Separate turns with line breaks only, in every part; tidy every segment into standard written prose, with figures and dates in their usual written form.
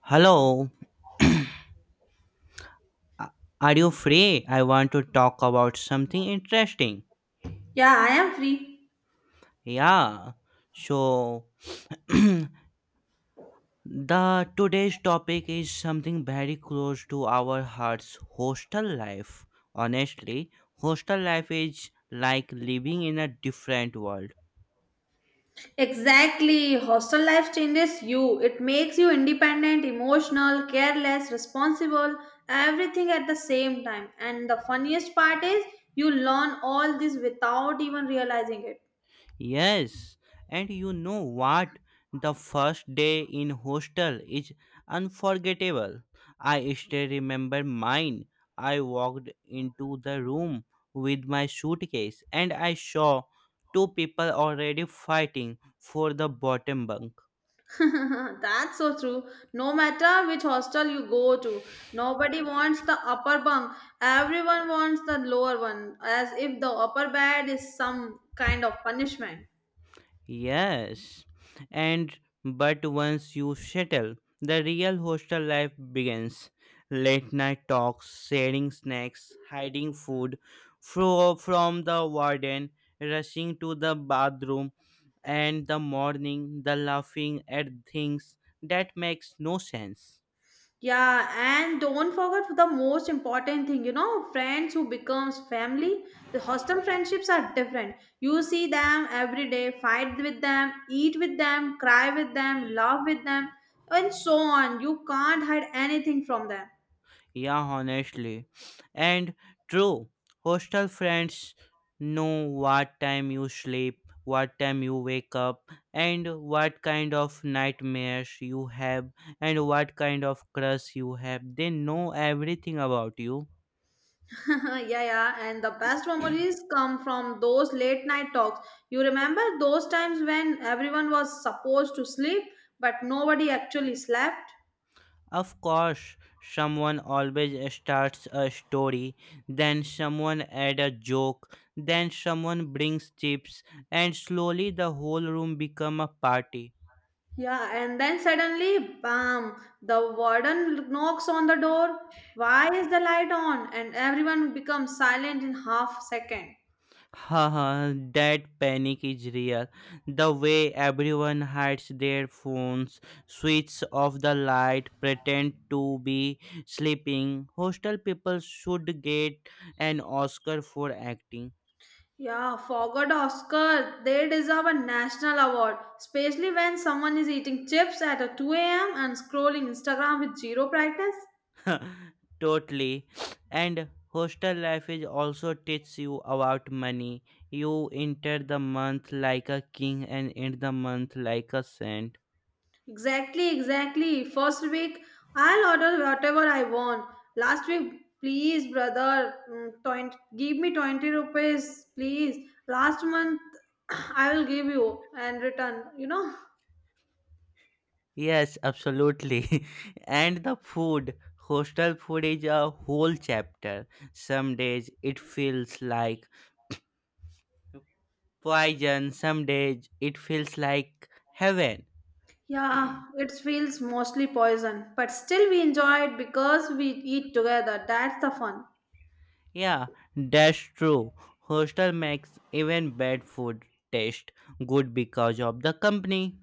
Hello, are you free? I want to talk about something interesting.
Yeah, I am free.
Yeah, so the today's topic is something very close to our hearts hostel life. Honestly, hostel life is like living in a different world.
Exactly. Hostel life changes you. It makes you independent, emotional, careless, responsible, everything at the same time. And the funniest part is you learn all this without even realizing it.
Yes, and you know what? The first day in hostel is unforgettable. I still remember mine. I walked into the room with my suitcase and I saw two people already fighting for the bottom bunk.
That's so true. No matter which hostel you go to, nobody wants the upper bunk. Everyone wants the lower one, as if the upper bed is some kind of punishment.
Yes. And but once you settle, the real hostel life begins. Late night talks, sharing snacks, hiding food from the warden, rushing to the bathroom, and the morning, the laughing at things that makes no sense.
Yeah, and don't forget the most important thing, friends who becomes family. The hostel friendships are different. You see them every day, fight with them, eat with them, cry with them, laugh with them, and so on. You can't hide anything from them.
Yeah, honestly. And true, hostel friends know what time you sleep, what time you wake up, and what kind of nightmares you have, and what kind of crush you have. They know everything about you.
Yeah, yeah, and the best memories come from those late night talks. You remember those times when everyone was supposed to sleep, but nobody actually slept?
Of course, someone always starts a story, then someone adds a joke, then someone brings chips, and slowly the whole room become a party.
Yeah, and then suddenly, bam, the warden knocks on the door. Why is the light on? And everyone becomes silent in half second.
Haha, that panic is real. The way everyone hides their phones, switch off the light, pretend to be sleeping. Hostel people should get an Oscar for acting.
Yeah, forgot Oscar. They deserve a national award, especially when someone is eating chips at 2 a.m. and scrolling Instagram with zero practice.
Totally. And hostel life is also teaches you about money. You enter the month like a king and end the month like a saint.
Exactly, exactly. First week, I'll order whatever I want. Last week, please, brother, 20, give me 20 rupees, please. Last month, I will give you and return, you know?
Yes, absolutely. And the food, hostel food is a whole chapter. Some days it feels like poison, some days it feels like heaven.
Yeah, it feels mostly poison, but still we enjoy it because we eat together. That's the fun.
Yeah, that's true. Hostel makes even bad food taste good because of the company.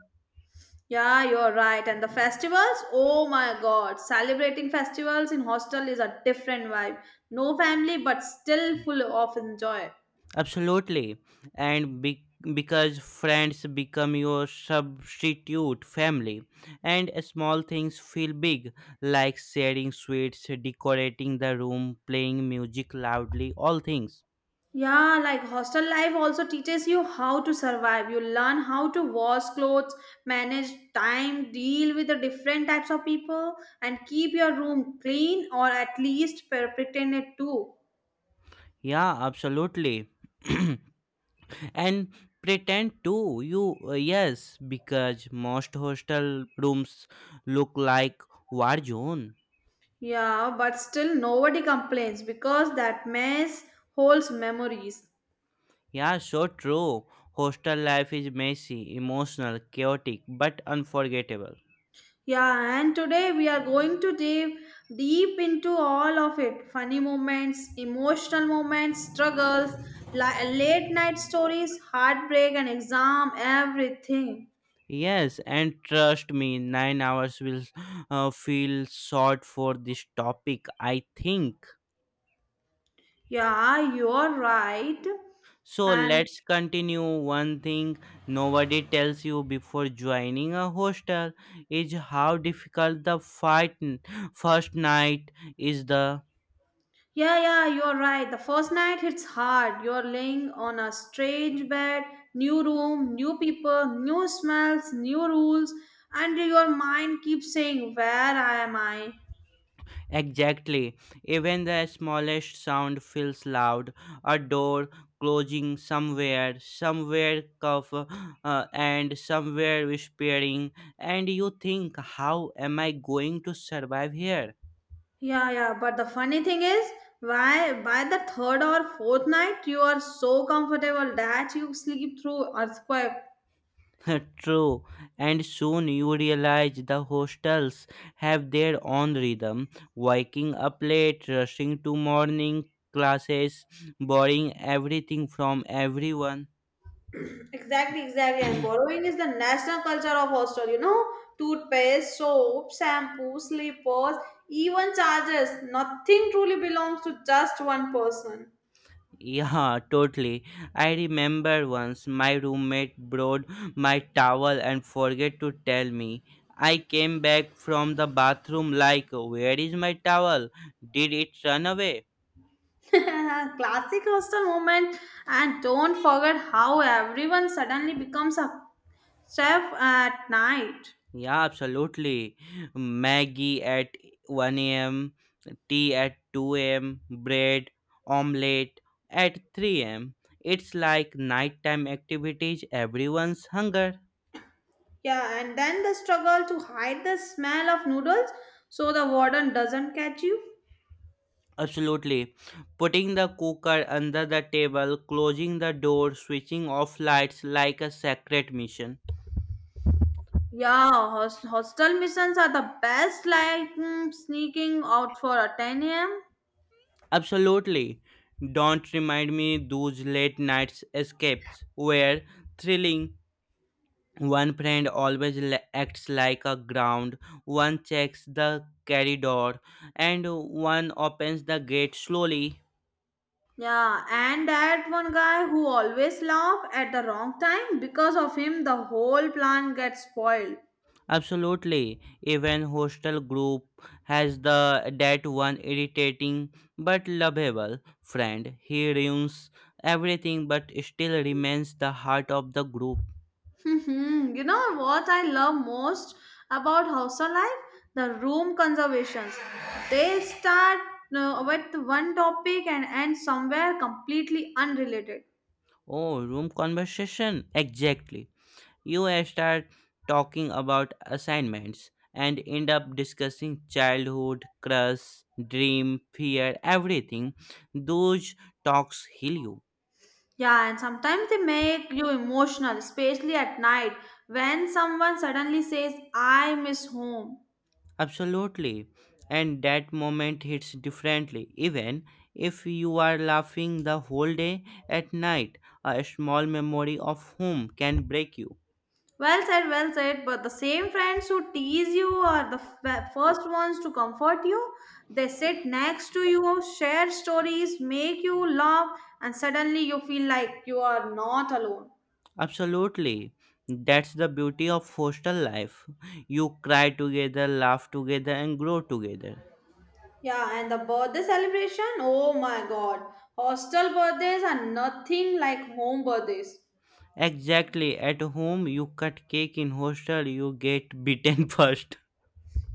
Yeah, you're right. And the festivals, oh my god, celebrating festivals in hostel is a different vibe. No family, but still full of enjoy.
Absolutely. And because friends become your substitute family, and small things feel big, like sharing sweets, decorating the room, playing music loudly, all things.
Yeah, like hostel life also teaches you how to survive. You learn how to wash clothes, manage time, deal with the different types of people, and keep your room clean or at least pretend it too.
Yeah, absolutely. And pretend too you yes because most hostel rooms look like war zone.
Yeah, but still nobody complains because that mess holds memories.
Yeah, so true. Hostel life is messy, emotional, chaotic, but unforgettable.
Yeah, and today we are going to dive deep into all of it funny moments, emotional moments, struggles, late night stories, heartbreak, and exam, everything.
Yes, and trust me, 9 hours will feel short for this topic, I think.
Yeah, you're right.
So
And
let's continue. One thing nobody tells you before joining a hostel is how difficult the first night is the.
yeah, yeah, you're right. The first night it's hard. You're laying on a strange bed, new room, new people, new smells, new rules, and your mind keeps saying, where am I?
Exactly. Even the smallest sound feels loud. A door closing somewhere, somewhere cough, and somewhere whispering. And you think, how am I going to survive here?
Yeah, yeah, but the funny thing is, why by the third or fourth night you are so comfortable that you sleep through earthquake.
True. And soon you realize the hostels have their own rhythm. Waking up late, rushing to morning classes, borrowing everything from everyone.
Exactly, exactly. And borrowing is the national culture of hostel, you know? Toothpaste, soap, shampoo, slippers, even chargers. Nothing truly belongs to just one person.
Yeah, totally. I remember once my roommate brought my towel and forget to tell me. I came back from the bathroom like, where is my towel? Did it run away?
Classic hostel moment. And don't forget how everyone suddenly becomes a chef at night.
Yeah, absolutely. Maggie at 1 a.m., tea at 2 a.m., bread, omelette at 3 a.m. It's like nighttime activities, everyone's hunger.
Yeah, and then the struggle to hide the smell of noodles so the warden doesn't catch you.
Absolutely. Putting the cooker under the table, closing the door, switching off lights like a sacred mission.
Yeah, hostel missions are the best, like sneaking out for a 10 a.m.
Absolutely. Don't remind me those late nights escapes where thrilling one friend always acts like a ground, one checks the corridor, and one opens the gate slowly.
Yeah, and that one guy who always laugh at the wrong time because of him, the whole plan gets spoiled.
Absolutely. Even hostel group has the that one irritating but lovable friend. He ruins everything but still remains the heart of the group.
Mhm. You know what I love most about house life? The room conservations. They start with one topic and end somewhere completely unrelated.
Oh, room conversation. Exactly. You start talking about assignments and end up discussing childhood, crush, dream, fear, everything. Those talks heal you.
Yeah, and sometimes they make you emotional, especially at night when someone suddenly says, I miss home.
Absolutely. And that moment hits differently. Even if you are laughing the whole day at night, a small memory of whom can break you.
Well said, well said. But the same friends who tease you are the first ones to comfort you. They sit next to you, share stories, make you laugh, and suddenly you feel like you are not alone.
Absolutely. That's the beauty of hostel life. You cry together, laugh together, and grow together.
Yeah, and the birthday celebration, oh my god. Hostel birthdays are nothing like home birthdays.
Exactly. At home, you cut cake. In hostel, you get beaten first.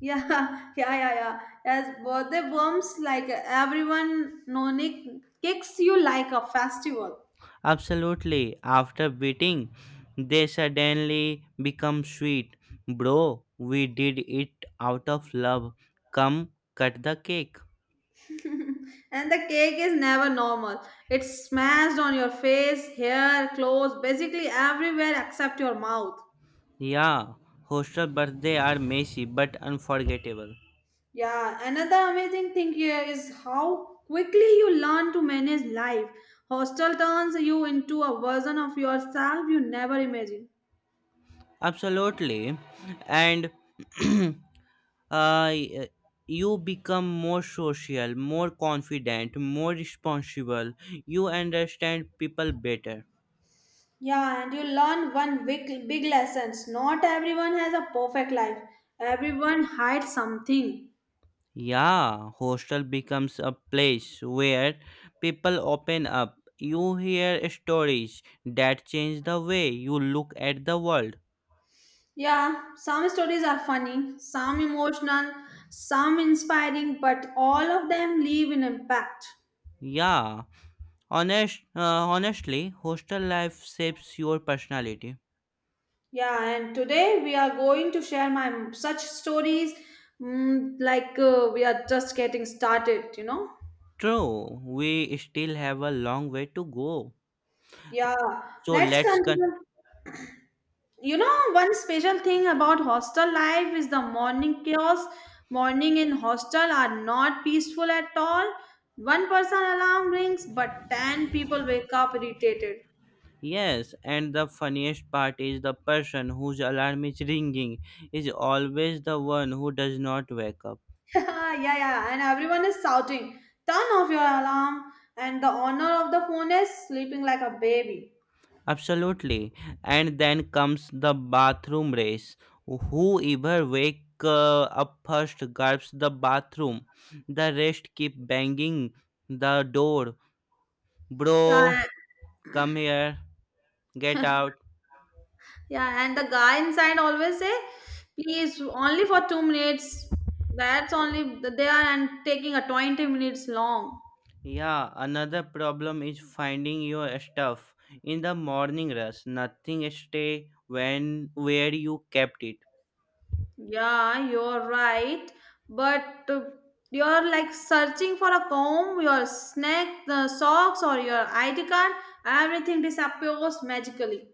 Yeah, yeah, yeah, yeah. As birthday bumps, like everyone, no, Nick, kicks you like a festival.
Absolutely. After beating, they suddenly become sweet. Bro, we did it out of love. Come cut the cake.
And the cake is never normal. It's smashed on your face, hair, clothes, basically everywhere except your mouth.
Yeah, hostel birthday are messy but unforgettable.
Yeah, another amazing thing here is how quickly you learn to manage life. Hostel turns you into a version of yourself you never imagined.
Absolutely. And uh, y- you become more social, more confident, more responsible. You understand people better.
Yeah, and you learn one big, big lessons. Not everyone has a perfect life. Everyone hides something.
Yeah, hostel becomes a place where people open up. You hear stories that change the way you look at the world.
Yeah, some stories are funny, some emotional, some inspiring, but all of them leave an impact.
Yeah, honestly, hostel life shapes your personality.
Yeah, and today we are going to share my such stories like we are just getting started.
True, we still have a long way to go.
Yeah,
So
let's
let's con-.
continue. You know, one special thing about hostel life is the morning chaos. Morning in hostel are not peaceful at all. One person alarm rings, but 10 people wake up irritated.
Yes, and the funniest part is the person whose alarm is ringing is always the one who does not wake up.
Yeah, yeah, and everyone is shouting, turn off your alarm, and the owner of the phone is sleeping like a baby.
Absolutely. And then comes the bathroom race. Whoever wake up first grabs the bathroom. The rest keep banging the door.
Yeah,
Bro, come here. Get out.
yeah, and the guy inside always say, please, only for 2 minutes. That's only they are and taking a 20 minutes long.
Yeah, another problem is finding your stuff. In the morning rush, nothing stay when where you kept it.
Yeah, you're right, but you're like searching for a comb, your snack, the socks, or your ID card. Everything disappears magically.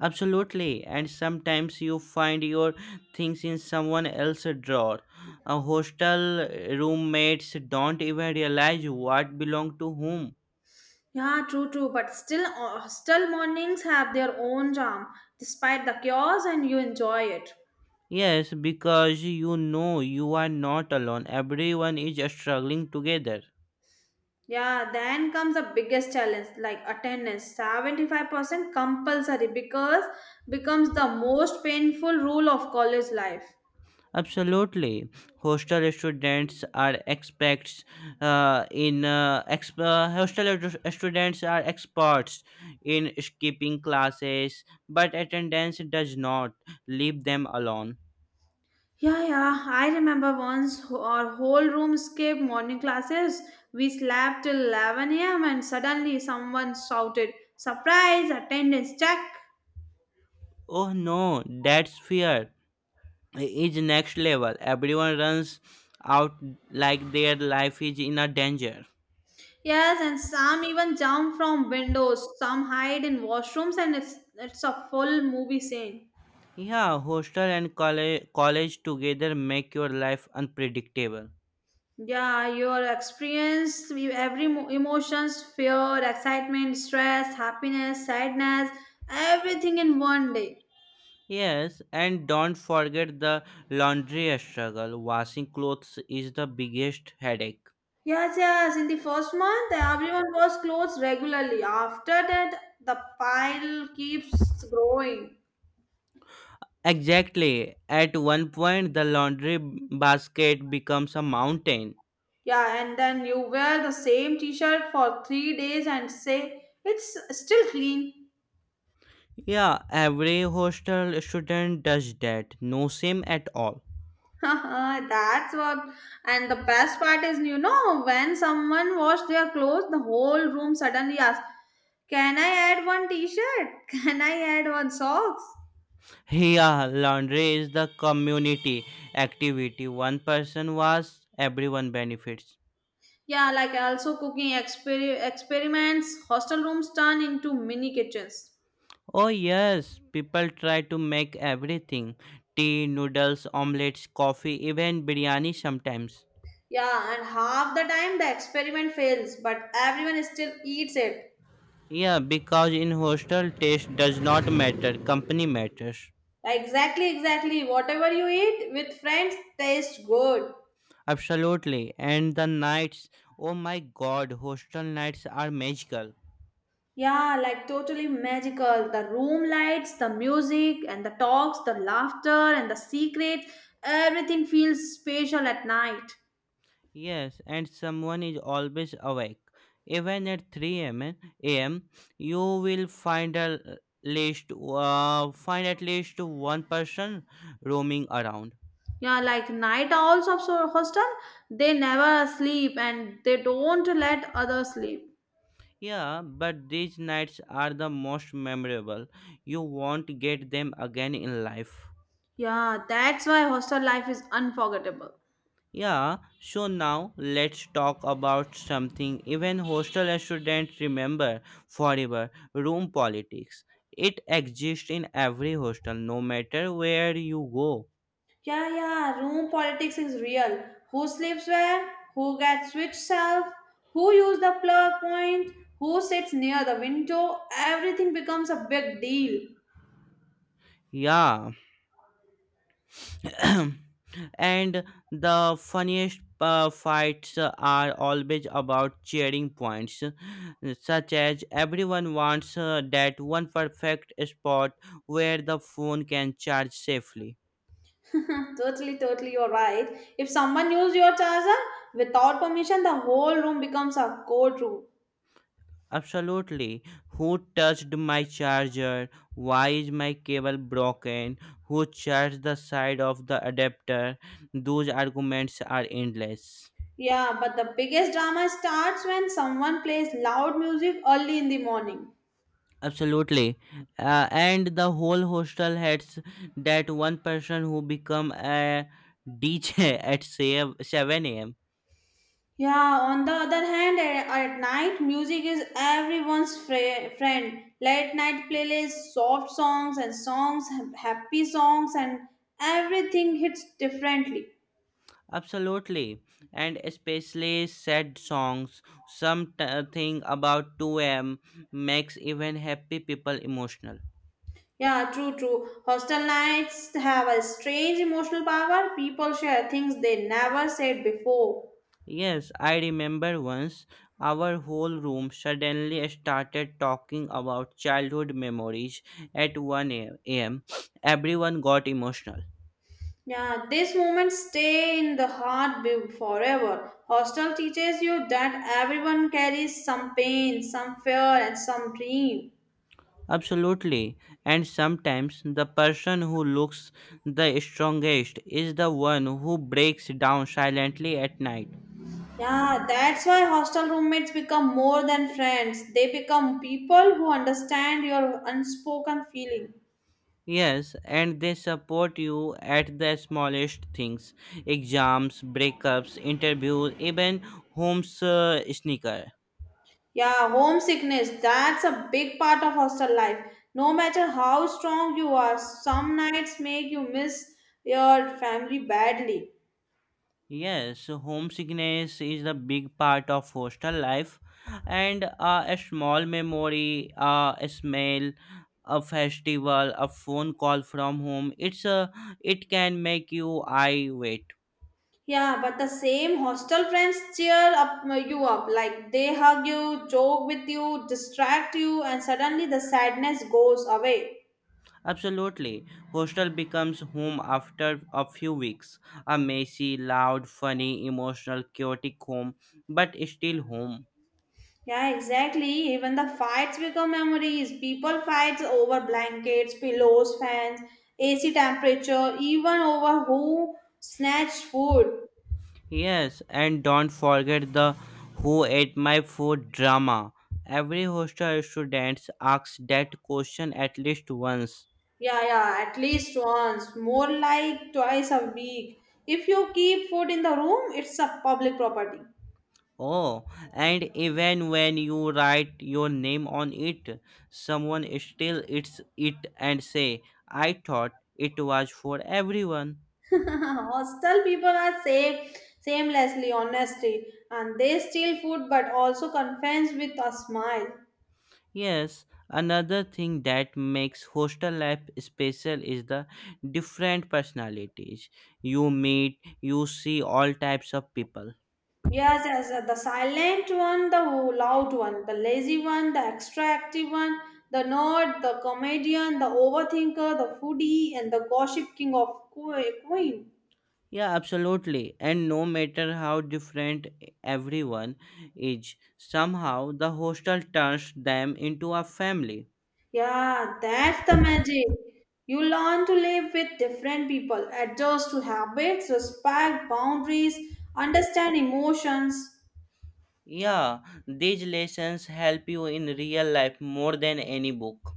Absolutely, and sometimes you find your things in someone else's drawer. A hostel roommates don't even realize what belong to whom.
Yeah, true, true. But still, still mornings have their own charm, despite the chaos, and you enjoy it.
Yes, because you know you are not alone. Everyone is struggling together.
Yeah, then comes the biggest challenge, like attendance. 75% compulsory because becomes the most painful rule of college life.
Absolutely, hostel students are experts in hostel students are experts in skipping classes, but attendance does not leave them alone.
Yeah, yeah. I remember once our whole room skipped morning classes. We slept till 11 a.m. and suddenly someone shouted, "Surprise! Attendance check!"
Oh no, that's fear is next level. Everyone runs out like their life is in a danger.
Yes, and some even jump from windows, some hide in washrooms, and it's a full movie scene.
Yeah, hostel and college together make your life unpredictable.
Yeah, your experience, every emotions, fear, excitement, stress, happiness, sadness, everything in one day.
Yes, and don't forget the laundry struggle. Washing clothes is the biggest headache.
Yes, yes. In the first month, everyone was closed regularly. After that, the pile keeps growing.
Exactly. At one point, the laundry basket becomes a mountain.
Yeah, and then you wear the same T-shirt for 3 days and say it's still clean.
Yeah, every hostel student does that. No shame at all.
That's what, and the best part is, when someone washed their clothes, the whole room suddenly asked, can I add one t shirt? Can I add one socks?
Yeah, laundry is the community activity. One person washes, everyone benefits.
Yeah, like also cooking experiments, hostel rooms turn into mini kitchens.
Oh, yes, people try to make everything tea, noodles, omelets, coffee, even biryani sometimes.
Yeah, and half the time the experiment fails, but everyone still eats it.
Yeah, because in hostel, taste does not matter, company matters.
Exactly, exactly. Whatever you eat with friends tastes good.
Absolutely. And the nights, oh my god, hostel nights are magical.
Yeah, like totally magical. The room lights, the music, and the talks, the laughter, and the secrets. Everything feels special at night.
Yes, and someone is always awake. Even at 3 a.m., am you will find at least one person roaming around.
Yeah, like night owls of hostel, they never sleep and they don't let others sleep.
Yeah, but these nights are the most memorable. You won't get them again in life.
Yeah, that's why hostel life is unforgettable.
Yeah, so now let's talk about something even hostel students remember forever room politics. It exists in every hostel, no matter where you go.
Yeah, yeah, room politics is real. Who sleeps where? Who gets which self? Who use the plug point? Who sits near the window? Everything becomes a big deal.
Yeah. And the funniest fights are always about cheering points, such as everyone wants that one perfect spot where the phone can charge safely.
Totally, totally, you're right. If someone uses your charger without permission, the whole room becomes a courtroom.
Absolutely. Who touched my charger? Why is my cable broken? Who charged the side of the adapter? Those arguments are endless.
Yeah, but the biggest drama starts when someone plays loud music early in the morning.
Absolutely. And the whole hostel had that one person who become a DJ at say 7 a.m.
Yeah, on the other hand, at night, music is everyone's friend. Late night playlists, soft songs and songs, happy songs, and everything hits differently.
Absolutely. And especially sad songs. Something about 2 a.m. makes even happy people emotional.
Yeah, true, true. Hostel nights have a strange emotional power. People share things they never said before.
Yes, I remember once our whole room suddenly started talking about childhood memories at 1 a.m. Everyone got emotional.
Yeah, these moments stay in the heart forever. Hostel teaches you that everyone carries some pain, some fear, and some dream.
Absolutely. And sometimes the person who looks the strongest is the one who breaks down silently at night.
Yeah, that's why hostel roommates become more than friends. They become people who understand your unspoken feeling.
Yes, and they support you at the smallest things exams, breakups, interviews, even home's sneaker.
Yeah, homesickness, that's a big part of hostel life. No matter how strong you are, some nights make you miss your family badly.
Yes, homesickness is the big part of hostel life, and a small memory, a smell, a festival, a phone call from home. It's a it can make you I wait.
Yeah, but the same hostel friends cheer up you up. Like they hug you, joke with you, distract you, and suddenly the sadness goes away.
Absolutely, hostel becomes home after a few weeks. A messy, loud, funny, emotional, chaotic home, but still home.
Yeah, exactly. Even the fights become memories. People fights over blankets, pillows, fans, AC temperature, even over who snatched food.
Yes, and don't forget the who ate my food drama. Every hostel student asks that question at least once.
Yeah, yeah, at least once, more like twice a week. If you keep food in the room, it's a public property.
Oh, and even when you write your name on it, someone still eats it and say, I thought it was for everyone.
Hostel people are safe, shamelessly honestly, and they steal food but also confess with a smile.
Yes, another thing that makes hostel life special is the different personalities. You meet, you see all types of people.
Yes, yes, the silent one, the loud one, the lazy one, the extra active one, the nerd, the comedian, the overthinker, the foodie, and the gossip king of queen.
Yeah, absolutely. And no matter how different everyone is, somehow the hostel turns them into a family.
Yeah, that's the magic. You learn to live with different people, adjust to habits, respect boundaries, understand emotions.
Yeah, these lessons help you in real life more than any book.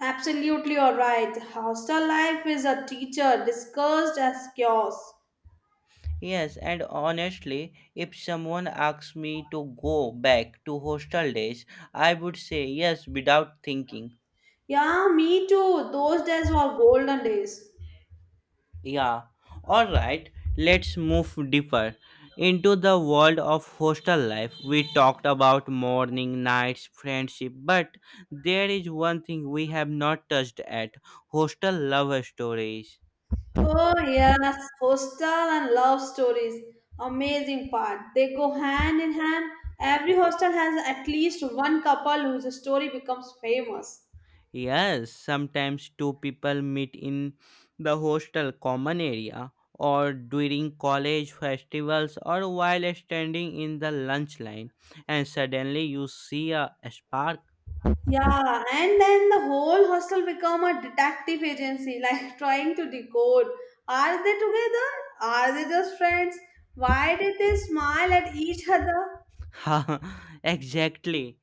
Absolutely, you're right. Hostel life is a teacher discussed as chaos.
Yes, and honestly, if someone asks me to go back to hostel days, I would say yes without thinking.
Yeah, me too. Those days were golden days.
Yeah, alright, let's move deeper into the world of hostel life. We talked about morning, nights, friendship, but there is one thing we have not touched at hostel love stories.
Oh, yes, hostel and love stories. Amazing part. They go hand in hand. Every hostel has at least one couple whose story becomes famous.
Yes, sometimes two people meet in the hostel common area or during college festivals or while standing in the lunch line and suddenly you see a spark.
Yeah, and then the whole hostel become a detective agency, like trying to decode. Are they together? Are they just friends? Why did they smile at each other?
Exactly.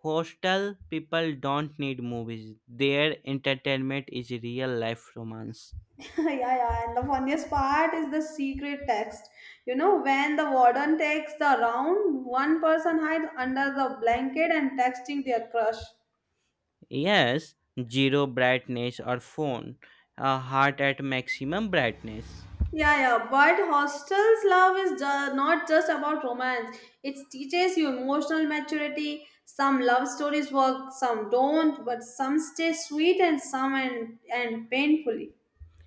Hostel people don't need movies. Their entertainment is real life romance.
Yeah, yeah. And the funniest part is the secret text. You know, when the warden takes the round, one person hides under the blanket and texting their crush.
Yes, zero brightness or phone, a heart at maximum brightness.
Yeah, yeah. But hostels love is not just about romance. It teaches you emotional maturity. Some love stories work, some don't, but some stay sweet and some end painfully.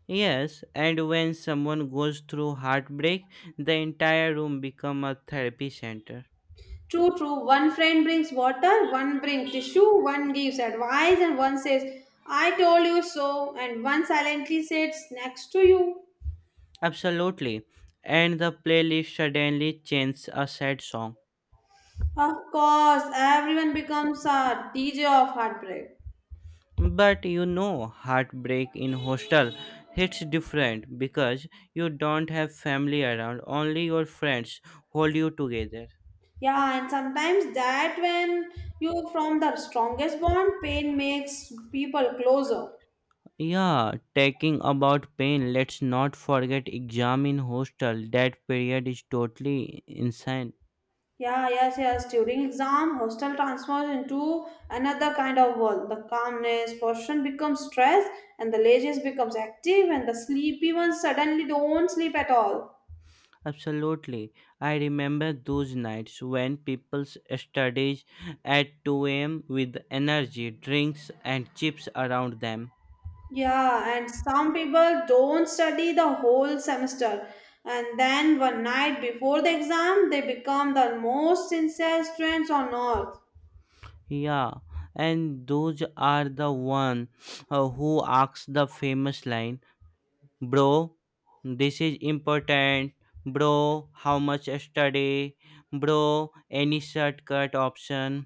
Yes, and when someone goes through heartbreak, the entire room become a therapy center.
True, true. One friend brings water, one brings tissue, one gives advice, and one says, I told you so, and one silently sits next to you.
Absolutely. And the playlist suddenly changes a sad song.
Of course, everyone becomes a DJ of heartbreak.
But you know, heartbreak in hostel hits different because you don't have family around, only your friends hold you together.
Yeah, and sometimes that when you from the strongest bond, pain makes people closer.
Yeah, talking about pain, let's not forget exam in hostel. That period is totally insane.
Yeah, yes, yes. During exam, hostel transforms into another kind of world. The calmness person becomes stressed, and the laziest becomes active, and the sleepy ones suddenly don't sleep at all.
Absolutely. I remember those nights when people studies at 2 a.m. with energy, drinks and chips around them.
Yeah, and some people don't study the whole semester, and then one night before the exam, they become the most sincere students on earth.
Yeah, and those are the one who asks the famous line, "Bro, this is important. Bro, how much yesterday? Bro, any shortcut option?"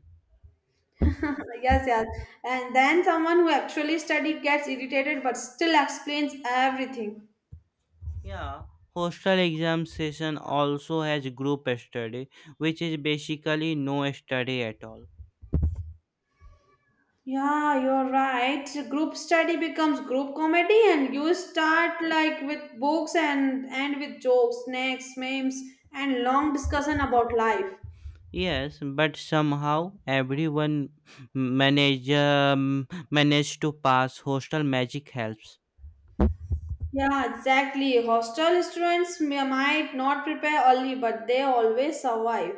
Yes, yes. And then someone who actually studied gets irritated but still explains everything.
Yeah, hostel exam session also has group study, which is basically no study at all.
Yeah, you're right. Group study becomes group comedy, and you start like with books and end with jokes, snacks, memes, and long discussion about life.
Yes, but somehow everyone manage to pass. Hostel magic helps.
Yeah, exactly. Hostel students might not prepare early, but they always survive.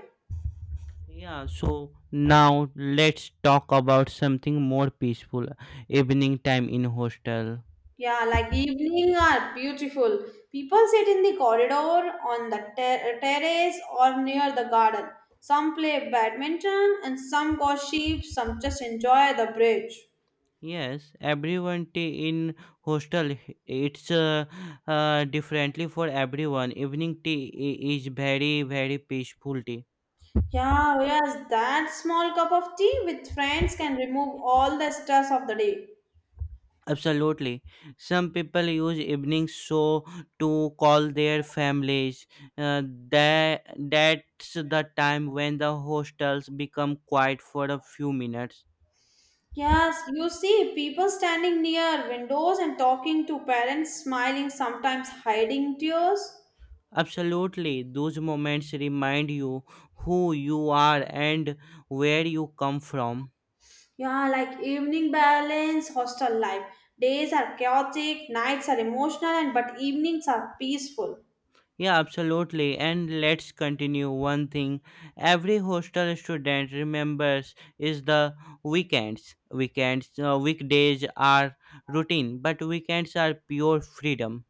Yeah, so now let's talk about something more peaceful. Evening time in hostel.
Yeah, like evening are beautiful. People sit in the corridor, on the terrace, or near the garden. Some play badminton, and some go sheep. Some just enjoy the bridge.
Yes, everyone tea in hostel it's differently for everyone. Evening tea is very very peaceful tea.
Yeah, yes, that small cup of tea with friends can remove all the stress of the day.
Absolutely. Some people use evening show to call their families. Uh, that's the time when the hostels become quiet for a few minutes.
Yes, you see people standing near windows and talking to parents, smiling, sometimes hiding tears.
Absolutely, those moments remind you who you are and where you come from.
Yeah, like evening balance, hostel life. Days are chaotic, nights are emotional, and but evenings are peaceful.
Yeah, absolutely. And let's continue. One thing every hostel student remembers is the weekends. Weekends, weekdays are routine, but weekends are pure freedom.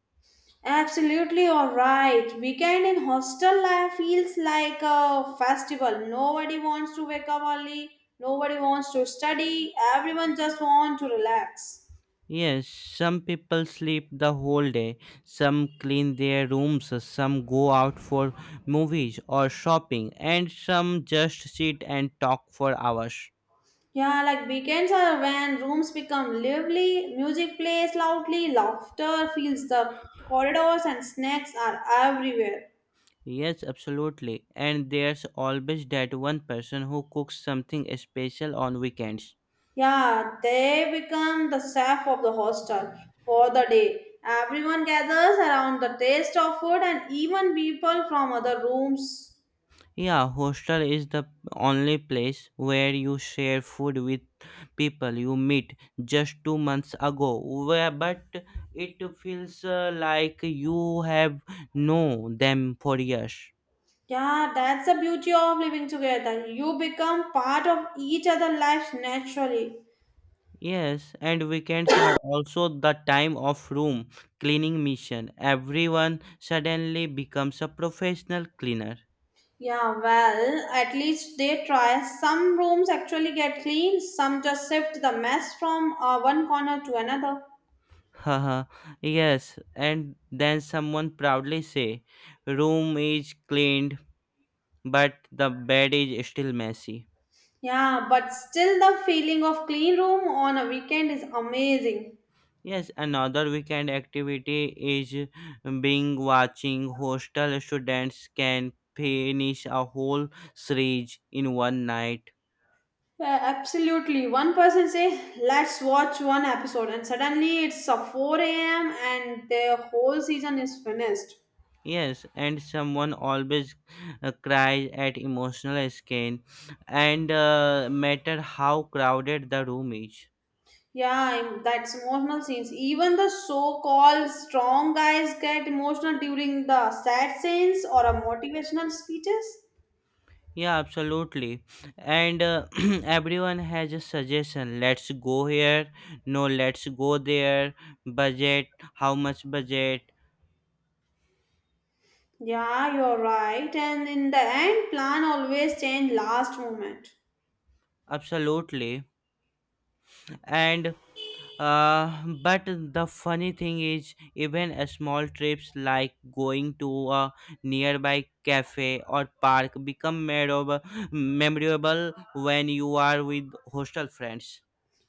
Absolutely, all right. Weekend in hostel life feels like a festival. Nobody wants to wake up early. Nobody wants to study. Everyone just wants to relax.
Yes, some people sleep the whole day, some clean their rooms, some go out for movies or shopping, and some just sit and talk for hours.
Yeah, like weekends are when rooms become lively, music plays loudly, laughter fills the corridors, and snacks are everywhere.
Yes, absolutely. And there's always that one person who cooks something special on weekends.
Yeah, they become the chef of the hostel for the day. Everyone gathers around the taste of food and even people from other rooms.
Yeah, hostel is the only place where you share food with people you meet just 2 months ago. Where, but it feels like you have known them for years.
Yeah, that's the beauty of living together. You become part of each other's lives naturally.
Yes, and weekends are also the time of room cleaning mission. Everyone suddenly becomes a professional cleaner.
Yeah, well, at least they try. Some rooms actually get clean, some just shift the mess from one corner to another.
Haha, yes, and then someone proudly say, "Room is cleaned." But the bed is still messy.
Yeah, but still the feeling of clean room on a weekend is amazing.
Yes, another weekend activity is being watching hostel students can finish a whole series in one night.
Yeah, absolutely. One person says, let's watch one episode, and suddenly it's 4 a.m. and the whole season is finished.
Yes, and someone always cries at emotional skin, and matter how crowded the room is.
Yeah, that's emotional scenes. Even the so called strong guys get emotional during the sad scenes or a motivational speeches.
Yeah, absolutely. And everyone has a suggestion. Let's go here. No, let's go there. Budget. How much budget?
Yeah, you're right. And in the end, plan always change last moment.
Absolutely. And but the funny thing is, even a small trips like going to a nearby cafe or park become memorable when you are with hostel friends.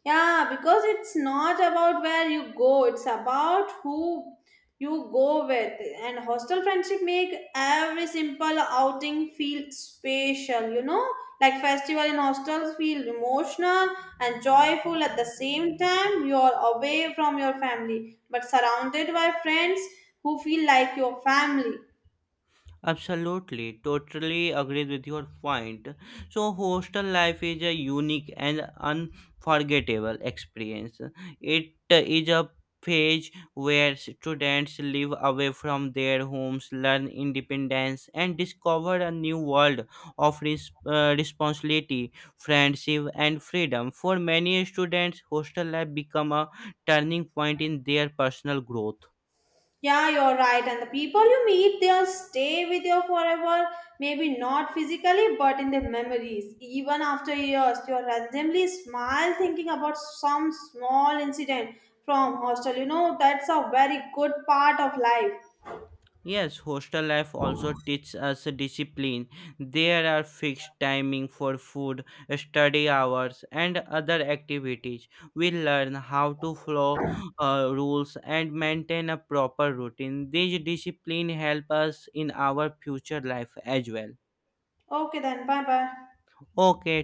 Yeah, because it's not about where you go, it's about who you go with. And hostel friendship make every simple outing feel special, you know? Like festival in hostels feel emotional and joyful at the same time. You are away from your family, but surrounded by friends who feel like your family.
Absolutely, totally agree with your point. So, hostel life is a unique and unforgettable experience. It is a phase where students live away from their homes, learn independence, and discover a new world of responsibility, friendship, and freedom. For many students, hostel life become a turning point in their personal growth.
Yeah, you're right. And the people you meet, they'll stay with you forever. Maybe not physically, but in the memories. Even after years, you'll randomly smile thinking about some small incident from hostel. You know, that's a very good part of life.
Yes, hostel life also teaches us discipline. There are fixed timing for food, study hours, and other activities. We learn how to follow rules and maintain a proper routine. This discipline help us in our future life as well.
Okay, then. Bye bye.
Okay,